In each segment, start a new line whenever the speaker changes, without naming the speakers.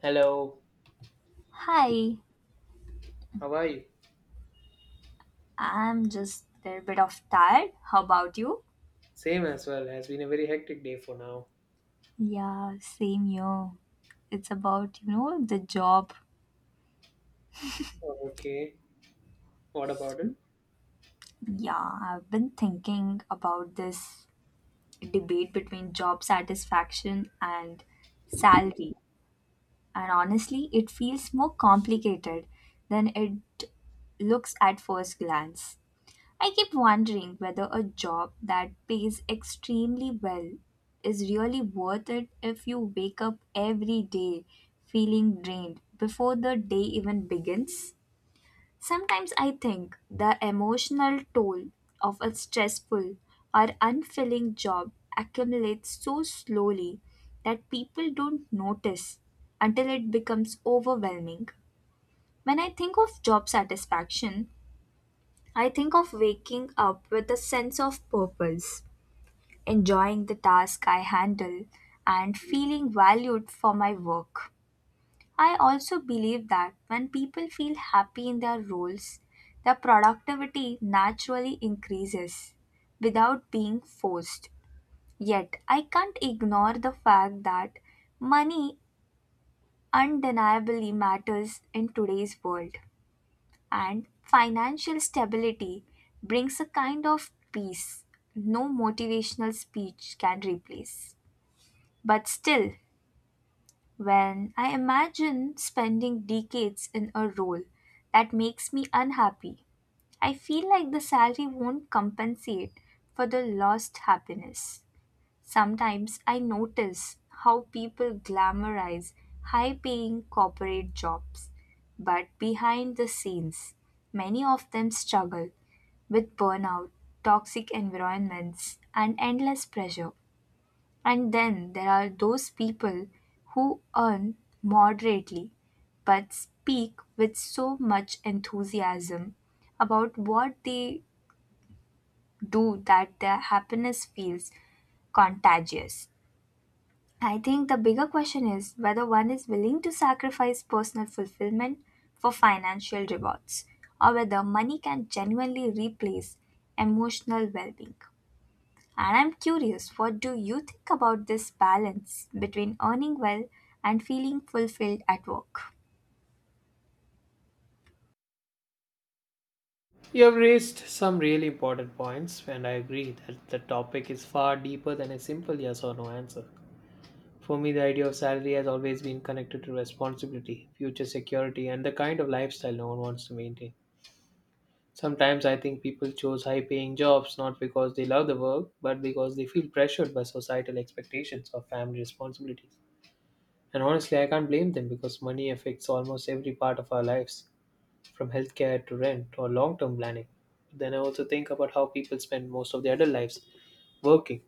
Hello,
Hi,
how are you?
I'm just a little bit of tired. How about you?
Same as well, has been a very hectic day for now.
Yeah, same here. It's about, you know, the job.
Okay, what about it?
Yeah, I've been thinking about this debate between job satisfaction and salary. And honestly, it feels more complicated than it looks at first glance. I keep wondering whether a job that pays extremely well is really worth it if you wake up every day feeling drained before the day even begins. Sometimes I think the emotional toll of a stressful or unfilling job accumulates so slowly that people don't notice until it becomes overwhelming. When I think of job satisfaction, I think of waking up with a sense of purpose, enjoying the task I handle, and feeling valued for my work. I also believe that when people feel happy in their roles, their productivity naturally increases without being forced. Yet, I can't ignore the fact that money undeniably matters in today's world and financial stability brings a kind of peace no motivational speech can replace. But still, when I imagine spending decades in a role that makes me unhappy, I feel like the salary won't compensate for the lost happiness. Sometimes I notice how people glamorize high paying corporate jobs, but behind the scenes, many of them struggle with burnout, toxic environments, and endless pressure. And then there are those people who earn moderately but speak with so much enthusiasm about what they do that their happiness feels contagious. I think the bigger question is whether one is willing to sacrifice personal fulfillment for financial rewards, or whether money can genuinely replace emotional well being. And I'm curious, what do you think about this balance between earning well and feeling fulfilled at work?
You have raised some really important points, and I agree that the topic is far deeper than a simple yes or no answer. For me, the idea of salary has always been connected to responsibility, future security, and the kind of lifestyle no one wants to maintain. Sometimes I think people choose high paying jobs not because they love the work, but because they feel pressured by societal expectations or family responsibilities. And honestly, I can't blame them because money affects almost every part of our lives, from healthcare to rent or long term planning. Then I also think about how people spend most of their adult lives working,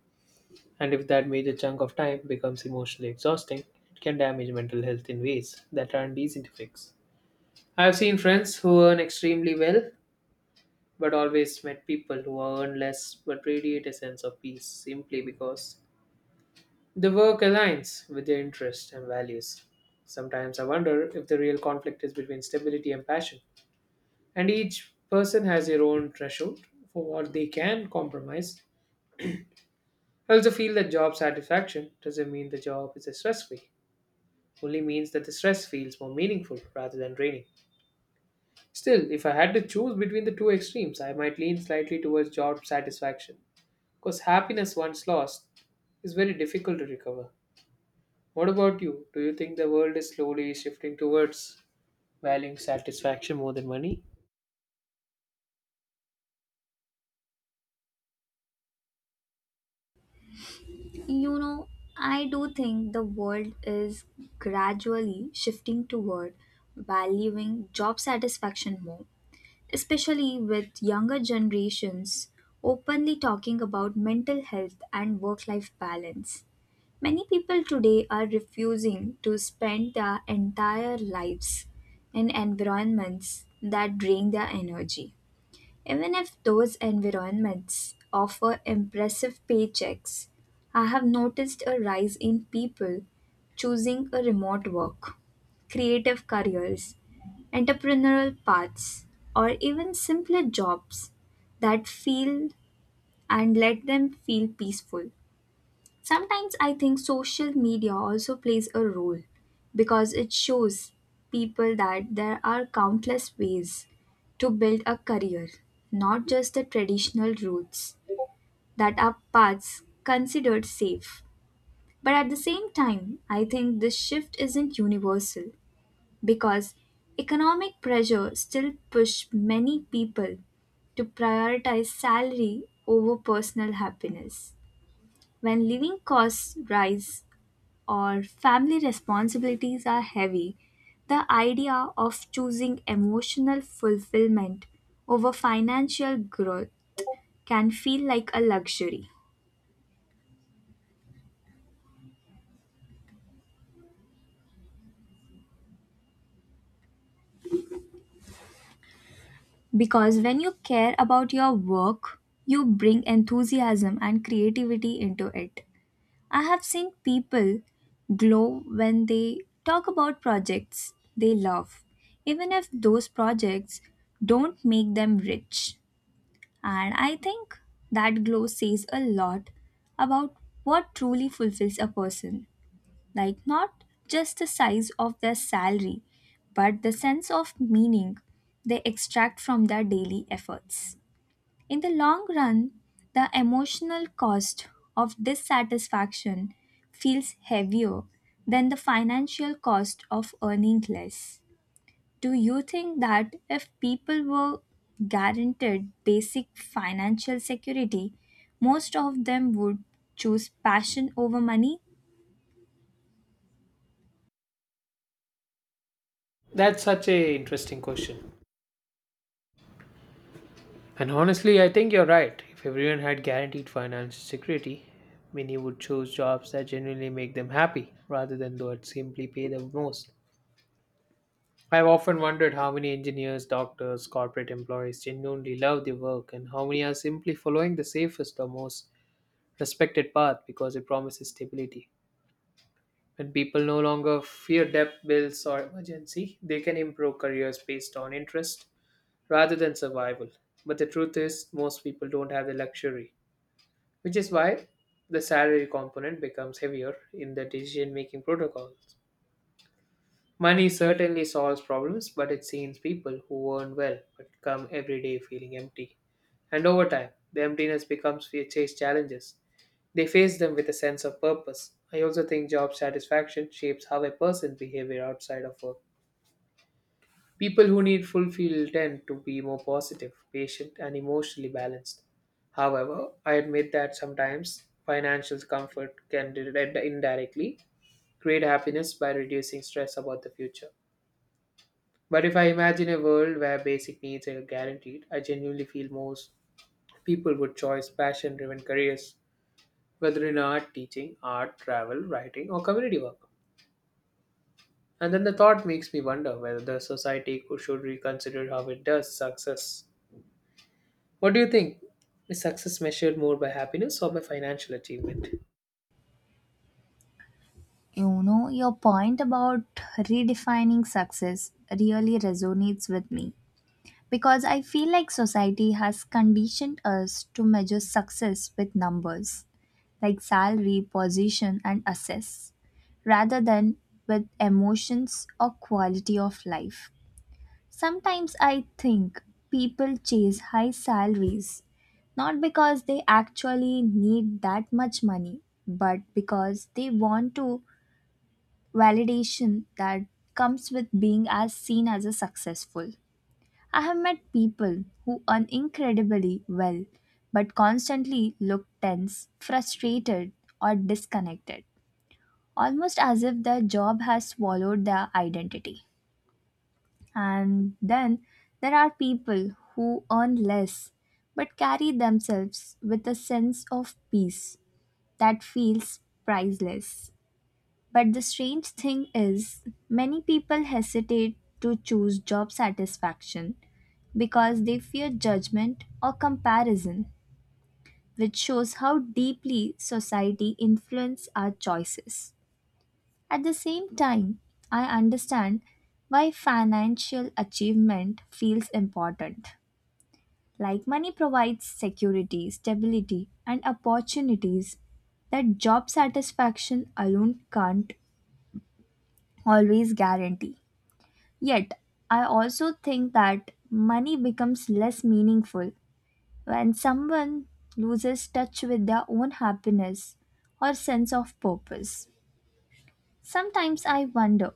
and if that major chunk of time becomes emotionally exhausting, it can damage mental health in ways that aren't easy to fix. I've seen friends who earn extremely well, but always met people who earn less but radiate a sense of peace simply because the work aligns with their interests and values. Sometimes I wonder if the real conflict is between stability and passion, and each person has their own threshold for what they can compromise. I also feel that job satisfaction doesn't mean the job is stress free, only means that the stress feels more meaningful rather than draining. Still, if I had to choose between the two extremes, I might lean slightly towards job satisfaction because happiness once lost is very difficult to recover. What about you? Do you think the world is slowly shifting towards valuing satisfaction more than money?
You know, I do think the world is gradually shifting toward valuing job satisfaction more, especially with younger generations openly talking about mental health and work life balance. Many people today are refusing to spend their entire lives in environments that drain their energy. Even if those environments offer impressive paychecks, I have noticed a rise in people choosing a remote work, creative careers, entrepreneurial paths, or even simpler jobs that feel and let them feel peaceful. Sometimes I think social media also plays a role because it shows people that there are countless ways to build a career, not just the traditional routes that are paths considered safe. But at the same time, I think this shift isn't universal because economic pressure still push many people to prioritize salary over personal happiness. When living costs rise or family responsibilities are heavy, the idea of choosing emotional fulfillment over financial growth can feel like a luxury. Because when you care about your work, you bring enthusiasm and creativity into it. I have seen people glow when they talk about projects they love, even if those projects don't make them rich. And I think that glow says a lot about what truly fulfills a person. Like, not just the size of their salary, but the sense of meaning they extract from their daily efforts. In the long run, the emotional cost of dissatisfaction feels heavier than the financial cost of earning less. Do you think that if people were guaranteed basic financial security, most of them would choose passion over money?
That's such a interesting question. And honestly, I think you're right. If everyone had guaranteed financial security, many would choose jobs that genuinely make them happy rather than that simply pay the most. I've often wondered how many engineers, doctors, corporate employees genuinely love their work and how many are simply following the safest or most respected path because it promises stability. When people no longer fear debt, bills, or emergency, they can improve careers based on interest rather than survival. But the truth is, most people don't have the luxury, which is why the salary component becomes heavier in the decision making protocols. Money certainly solves problems, but it seems people who earn well but come every day feeling empty. And over time, the emptiness becomes fear chase challenges they face them with a sense of purpose. I also think job satisfaction shapes how a person's behavior outside of work. People who need fulfill tend to be more positive, patient, and emotionally balanced. However, I admit that sometimes financial comfort can indirectly create happiness by reducing stress about the future. But if I imagine a world where basic needs are guaranteed, I genuinely feel most people would choose passion driven careers, whether in art, teaching, art, travel, writing, or community work. And then the thought makes me wonder whether the society could, should reconsider how it does success. What do you think? Is success measured more by happiness or by financial achievement?
You know, your point about redefining success really resonates with me. Because I feel like society has conditioned us to measure success with numbers like salary, position, and assess rather than with emotions or quality of life. Sometimes I think people chase high salaries not because they actually need that much money, but because they want to validation that comes with being as seen as a successful. I have met people who earn incredibly well but constantly look tense, frustrated, or disconnected, almost as if their job has swallowed their identity. And then there are people who earn less but carry themselves with a sense of peace that feels priceless. But the strange thing is, many people hesitate to choose job satisfaction because they fear judgment or comparison, which shows how deeply society influences our choices. At the same time, I understand why financial achievement feels important. Like money provides security, stability, and opportunities that job satisfaction alone can't always guarantee. Yet, I also think that money becomes less meaningful when someone loses touch with their own happiness or sense of purpose. Sometimes I wonder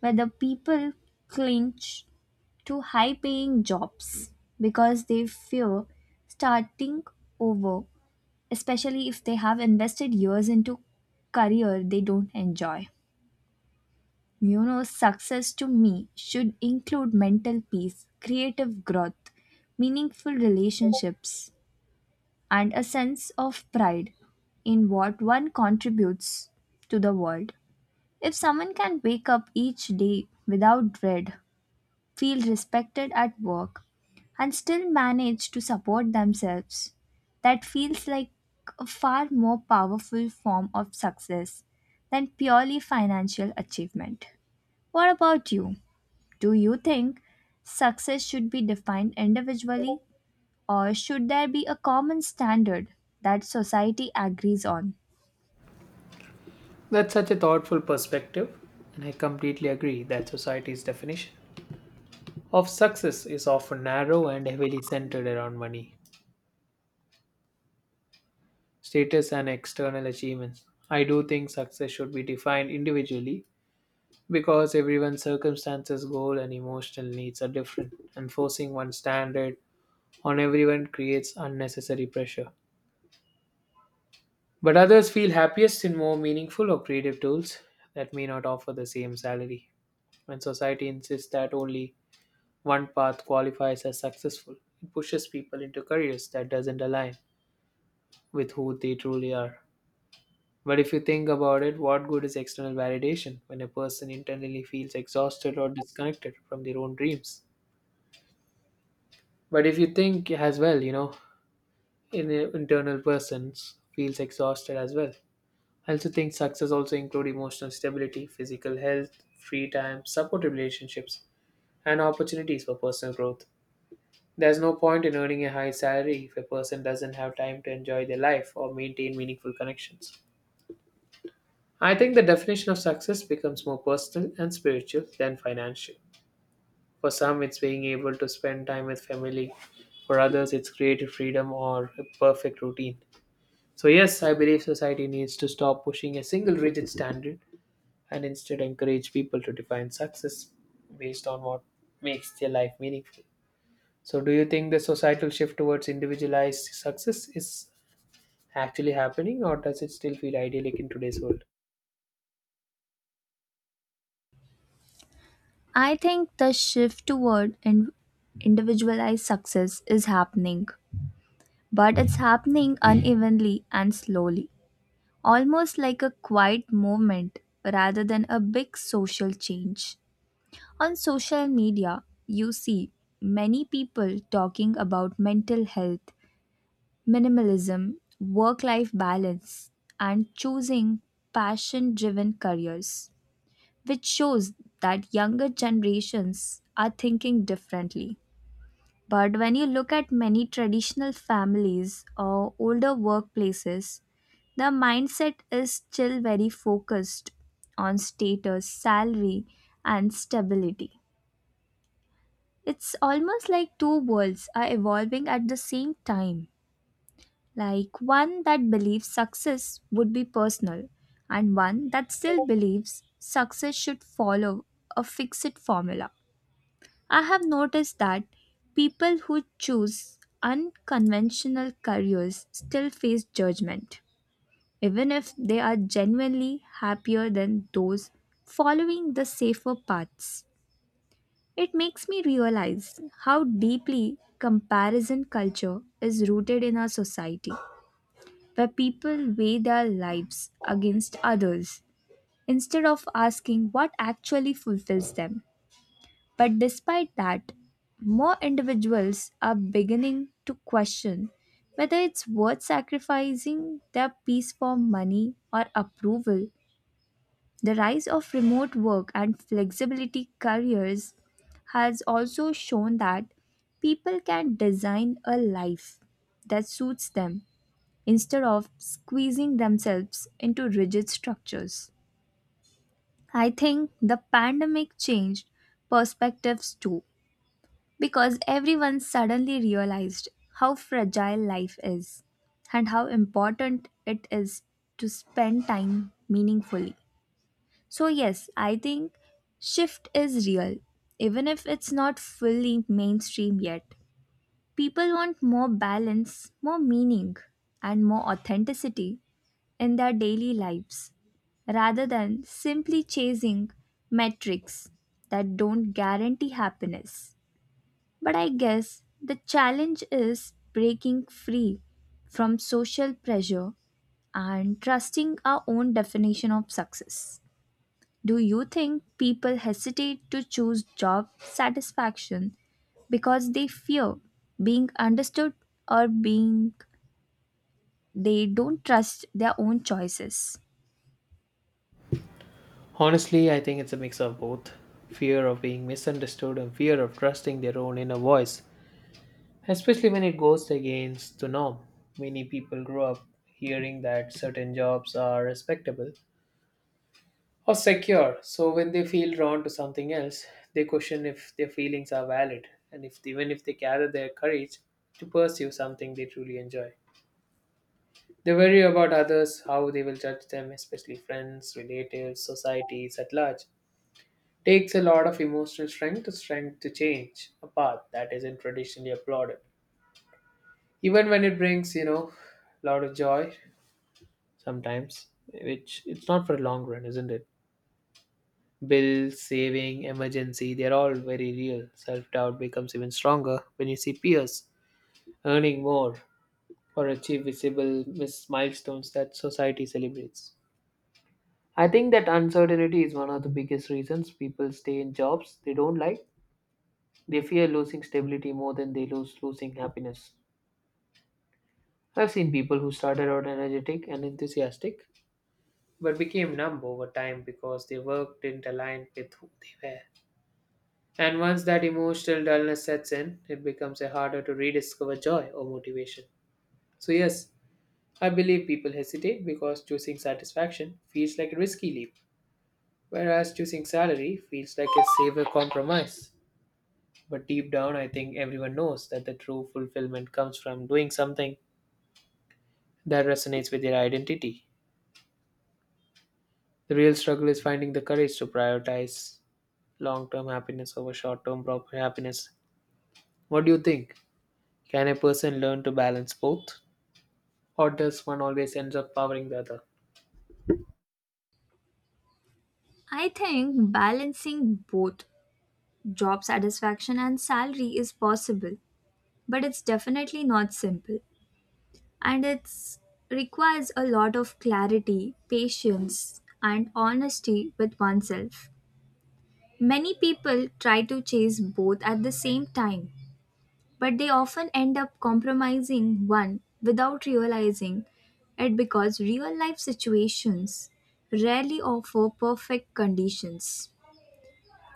whether people cling to high paying jobs because they fear starting over, especially if they have invested years into career they don't enjoy. You know, success to me should include mental peace, creative growth, meaningful relationships, and a sense of pride in what one contributes to the world. If someone can wake up each day without dread, feel respected at work, and still manage to support themselves, that feels like a far more powerful form of success than purely financial achievement. What about you? Do you think success should be defined individually or should there be a common standard that society agrees on?
That's such a thoughtful perspective, and I completely agree that society's definition of success is often narrow and heavily centered around money, status, and external achievements. I do think success should be defined individually because everyone's circumstances, goal, and emotional needs are different, and forcing one standard on everyone creates unnecessary pressure. But others feel happiest in more meaningful or creative tools that may not offer the same salary. When society insists that only one path qualifies as successful, it pushes people into careers that doesn't align with who they truly are. But if you think about it, what good is external validation when a person internally feels exhausted or disconnected from their own dreams? But if you think as well, an internal person feels exhausted as well. I also think success also include emotional stability, physical health, free time, supportive relationships, and opportunities for personal growth. There's no point in earning a high salary if a person doesn't have time to enjoy their life or maintain meaningful connections. I think the definition of success becomes more personal and spiritual than financial. For some, it's being able to spend time with family. For others, it's creative freedom or a perfect routine. So, yes, I believe society needs to stop pushing a single rigid standard and instead encourage people to define success based on what makes their life meaningful. So, do you think the societal shift towards individualized success is actually happening, or does it still feel idyllic in today's world?
I think the shift toward individualized success is happening, but it's happening unevenly and slowly, almost like a quiet movement rather than a big social change. On social media, you see many people talking about mental health, minimalism, work life balance, and choosing passion driven careers, which shows that younger generations are thinking differently. But when you look at many traditional families or older workplaces, the mindset is still very focused on status, salary, and stability. It's almost like two worlds are evolving at the same time. Like one that believes success would be personal, and one that still believes success should follow a fixed formula. I have noticed that people who choose unconventional careers still face judgment, even if they are genuinely happier than those following the safer paths. It makes me realize how deeply comparison culture is rooted in our society, where people weigh their lives against others instead of asking what actually fulfills them. But despite that, more individuals are beginning to question whether it's worth sacrificing their peace for money or approval. The rise of remote work and flexibility careers has also shown that people can design a life that suits them instead of squeezing themselves into rigid structures. I think the pandemic changed perspectives too, because everyone suddenly realized how fragile life is and how important it is to spend time meaningfully. So, yes, I think shift is real, even if it's not fully mainstream yet. People want more balance, more meaning, and more authenticity in their daily lives rather than simply chasing metrics that don't guarantee happiness. But I guess the challenge is breaking free from social pressure and trusting our own definition of success. Do you think people hesitate to choose job satisfaction because they fear being understood or being they don't trust their own choices?
Honestly, I think it's a mix of both fear of being misunderstood and fear of trusting their own inner voice, especially when it goes against the norm. Many people grow up hearing that certain jobs are respectable or secure. So when they feel drawn to something else, they question if their feelings are valid and if even if they gather their courage to pursue something they truly enjoy. They worry about others, how they will judge them, especially friends, relatives, societies at large. Takes a lot of emotional strength to strength to change a path that isn't traditionally applauded. Even when it brings, a lot of joy sometimes, which it's not for a long run, isn't it? Bill, saving, emergency, they're all very real. Self doubt becomes even stronger when you see peers earning more or achieve visible milestones that society celebrates. I think that uncertainty is one of the biggest reasons people stay in jobs they don't like. They fear losing stability more than they lose losing happiness. I've seen people who started out energetic and enthusiastic but became numb over time because their work didn't align with who they were. And once that emotional dullness sets in, it becomes a harder to rediscover joy or motivation. So, yes, I believe people hesitate because choosing satisfaction feels like a risky leap, whereas choosing salary feels like a safer compromise. But deep down, I think everyone knows that the true fulfillment comes from doing something that resonates with their identity. The real struggle is finding the courage to prioritize long term happiness over short term happiness. What do you think? Can a person learn to balance both? Or does one always ends up powering the other?
I think balancing both job satisfaction and salary is possible, but it's definitely not simple, and it requires a lot of clarity, patience, and honesty with oneself. Many people try to chase both at the same time, but they often end up compromising one without realizing it because real life situations rarely offer perfect conditions.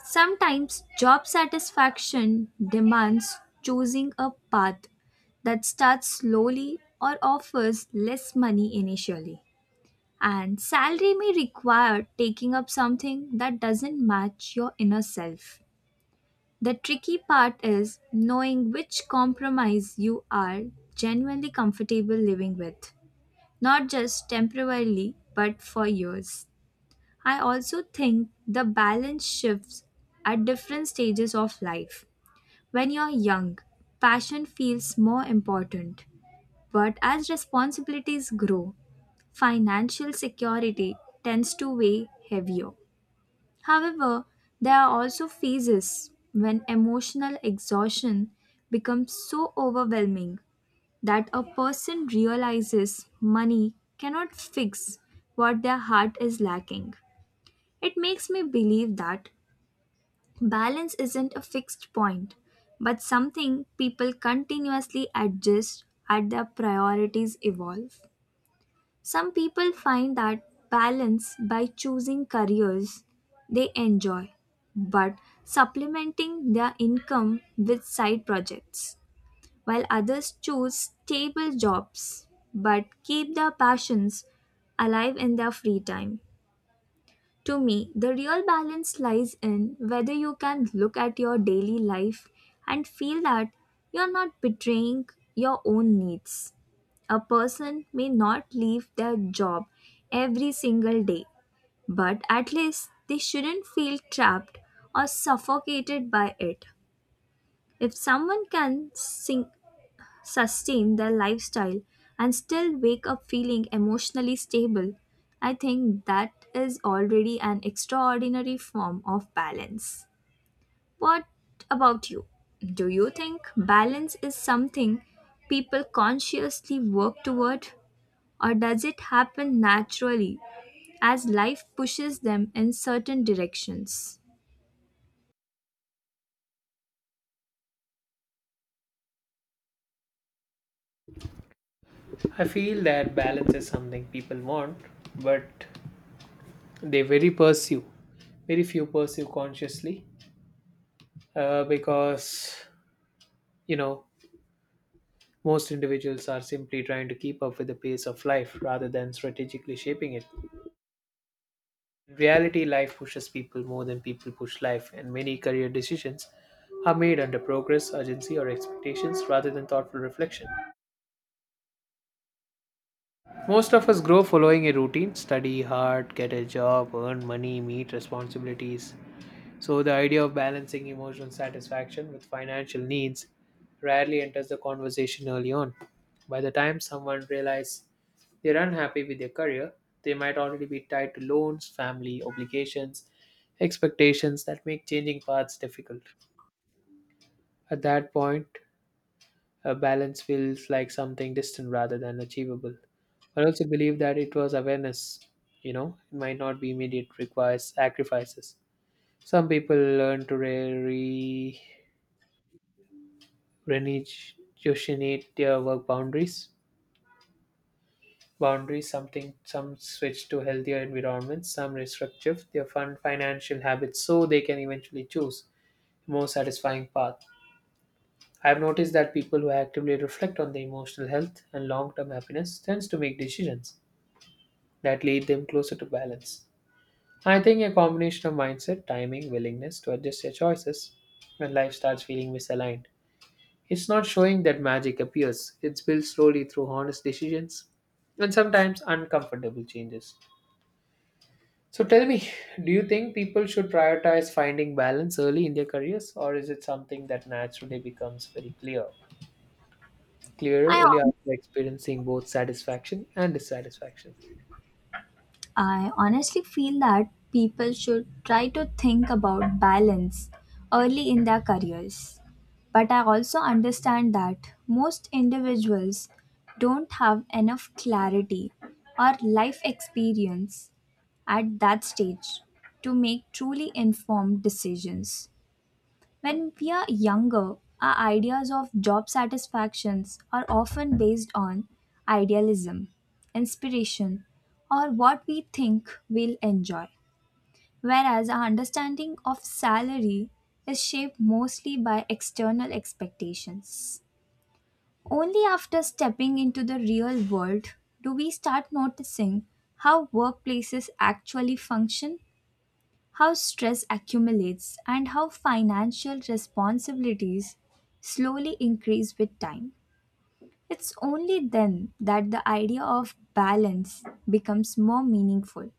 Sometimes job satisfaction demands choosing a path that starts slowly or offers less money initially. And salary may require taking up something that doesn't match your inner self. The tricky part is knowing which compromise you are genuinely comfortable living with, not just temporarily, but for years. I also think the balance shifts at different stages of life. When you're young, passion feels more important, but as responsibilities grow, financial security tends to weigh heavier. However, there are also phases when emotional exhaustion becomes so overwhelming that a person realizes money cannot fix what their heart is lacking. It makes me believe that balance isn't a fixed point, but something people continuously adjust as their priorities evolve. Some people find that balance by choosing careers they enjoy, but supplementing their income with side projects, while others choose stable jobs but keep their passions alive in their free time. To me, the real balance lies in whether you can look at your daily life and feel that you're not betraying your own needs. A person may not leave their job every single day, but at least they shouldn't feel trapped or suffocated by it. If someone can sustain their lifestyle and still wake up feeling emotionally stable, I think that is already an extraordinary form of balance. What about you? Do you think balance is something people consciously work toward, or does it happen naturally as life pushes them in certain directions?
I feel that balance is something people want, but they very pursue. Very few pursue consciously because, you know, most individuals are simply trying to keep up with the pace of life rather than strategically shaping it. In reality, life pushes people more than people push life, and many career decisions are made under progress, urgency, or expectations rather than thoughtful reflection. Most of us grow following a routine study hard, get a job, earn money, meet responsibilities. So, the idea of balancing emotional satisfaction with financial needs rarely enters the conversation early on. By the time someone realizes they're unhappy with their career, they might already be tied to loans, family obligations, expectations that make changing paths difficult. At that point, a balance feels like something distant rather than achievable. I also believe that it was awareness, it might not be immediate, requires sacrifices. Some people learn to renegotiate their work boundaries. Boundaries, something some switch to healthier environments, some restructure their fun financial habits so they can eventually choose a more satisfying path. I've noticed that people who actively reflect on their emotional health and long-term happiness tends to make decisions that lead them closer to balance. I think a combination of mindset, timing, willingness to adjust your choices when life starts feeling misaligned. It's not showing that magic appears, it's built slowly through honest decisions and sometimes uncomfortable changes. So tell me, do you think people should prioritize finding balance early in their careers, or is it something that naturally becomes very clear, clearer
I
only after experiencing both satisfaction and dissatisfaction?
I honestly feel that people should try to think about balance early in their careers. But I also understand that most individuals don't have enough clarity or life experience at that stage to make truly informed decisions. When we are younger, our ideas of job satisfactions are often based on idealism, inspiration, or what we think we'll enjoy. Whereas our understanding of salary is shaped mostly by external expectations. Only after stepping into the real world do we start noticing how workplaces actually function, how stress accumulates, and how financial responsibilities slowly increase with time. It's only then that the idea of balance becomes more meaningful.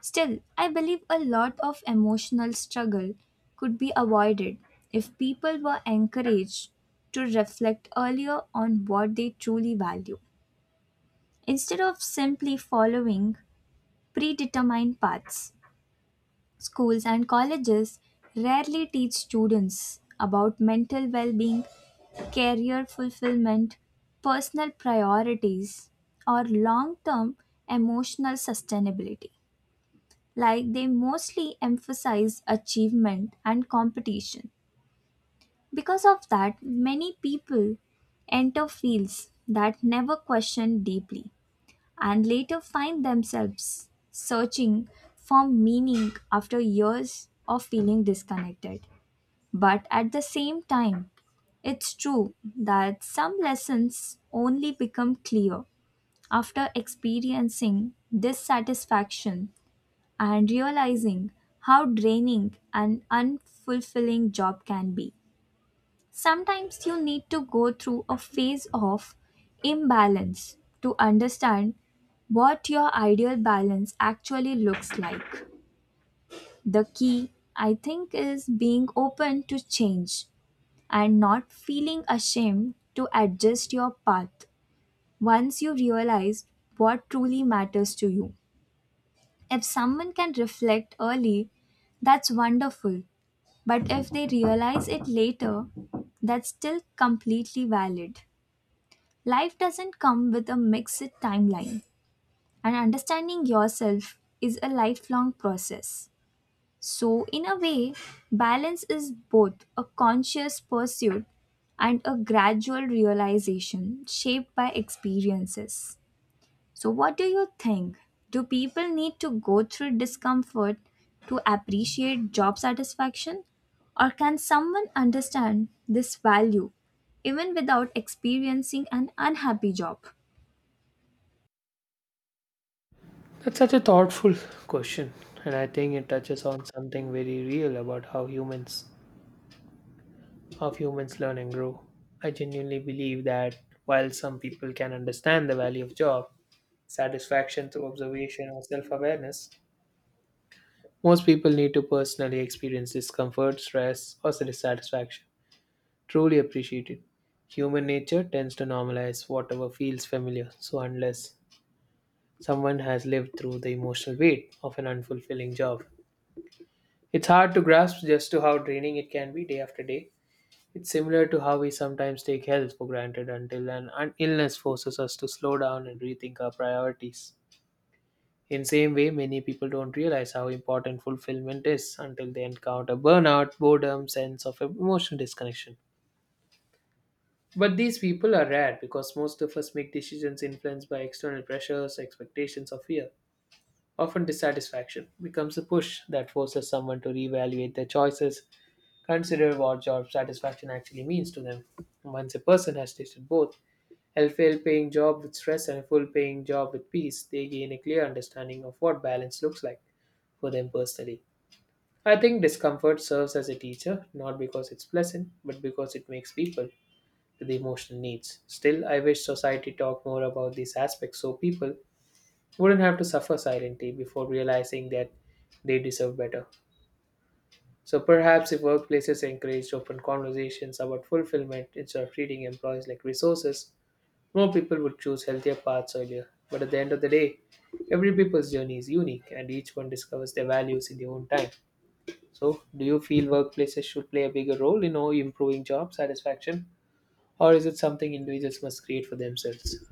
Still, I believe a lot of emotional struggle could be avoided if people were encouraged to reflect earlier on what they truly value instead of simply following predetermined paths. Schools and colleges rarely teach students about mental well being, career fulfillment, personal priorities, or long term emotional sustainability. Like, they mostly emphasize achievement and competition. Because of that, many people enter fields that never question deeply and later find themselves searching for meaning after years of feeling disconnected. But at the same time, it's true that some lessons only become clear after experiencing dissatisfaction and realizing how draining an unfulfilling job can be. Sometimes you need to go through a phase of imbalance to understand what your ideal balance actually looks like. The key, I think, is being open to change and not feeling ashamed to adjust your path once you realize what truly matters to you. If someone can reflect early, that's wonderful. But if they realize it later, that's still completely valid. Life doesn't come with a mixed timeline, and understanding yourself is a lifelong process. So, in a way, balance is both a conscious pursuit and a gradual realization shaped by experiences. So, what do you think? Do people need to go through discomfort to appreciate job satisfaction? Or can someone understand this value even without experiencing an unhappy job?
That's such a thoughtful question, and I think it touches on something very real about how humans learn and grow. I genuinely believe that while some people can understand the value of job satisfaction through observation or self-awareness, most people need to personally experience discomfort, stress, or dissatisfaction. Truly appreciate it. Human nature tends to normalize whatever feels familiar, so unless someone has lived through the emotional weight of an unfulfilling job, it's hard to grasp just to how draining it can be day after day. It's similar to how we sometimes take health for granted until an illness forces us to slow down and rethink our priorities. In same way, many people don't realize how important fulfillment is until they encounter burnout, boredom, sense of emotional disconnection. But these people are rare because most of us make decisions influenced by external pressures, expectations, or fear. Often dissatisfaction becomes a push that forces someone to reevaluate their choices. Consider what job satisfaction actually means to them. Once a person has tasted both, a fail paying job with stress and a full paying job with peace, they gain a clear understanding of what balance looks like for them personally. I think discomfort serves as a teacher, not because it's pleasant, but because it makes people to the emotional needs. Still, I wish society talked more about these aspects so people wouldn't have to suffer silently before realizing that they deserve better. So perhaps if workplaces encouraged open conversations about fulfillment instead of treating employees like resources, more people would choose healthier paths earlier. But at the end of the day, every people's journey is unique and each one discovers their values in their own time. So, do you feel workplaces should play a bigger role in all improving job satisfaction, or is it something individuals must create for themselves?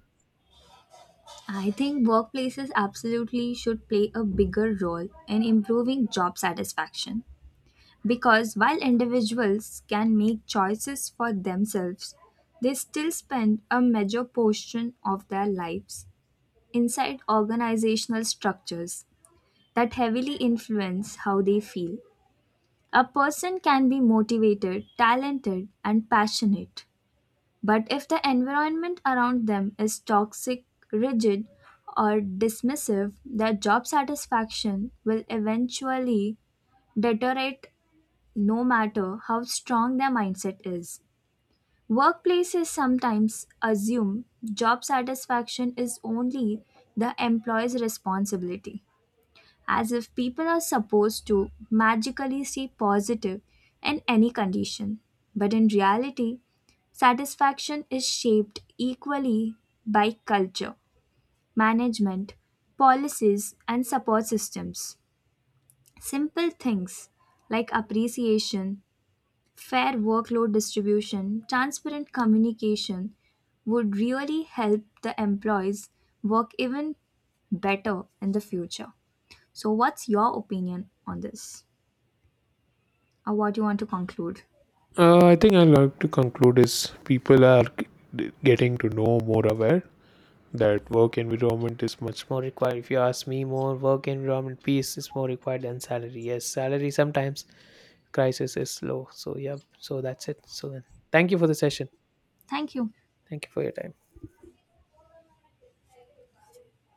I think workplaces absolutely should play a bigger role in improving job satisfaction because while individuals can make choices for themselves, they still spend a major portion of their lives inside organizational structures that heavily influence how they feel. A person can be motivated, talented, and passionate, but if the environment around them is toxic, rigid, or dismissive, their job satisfaction will eventually deteriorate no matter how strong their mindset is. Workplaces sometimes assume job satisfaction is only the employee's responsibility, as if people are supposed to magically see positive in any condition. But in reality, satisfaction is shaped equally by culture, management, policies, and support systems. Simple things like appreciation, fair workload distribution, transparent communication would really help the employees work even better in the future. So, what's your opinion on this, or what you want to conclude?
I think I'd like to conclude is people are getting to know more aware that work environment is much more required if you ask me more work environment peace is more required than salary yes salary sometimes crisis is low so yeah so that's it so then thank you for the session
Thank you.
thank you for your time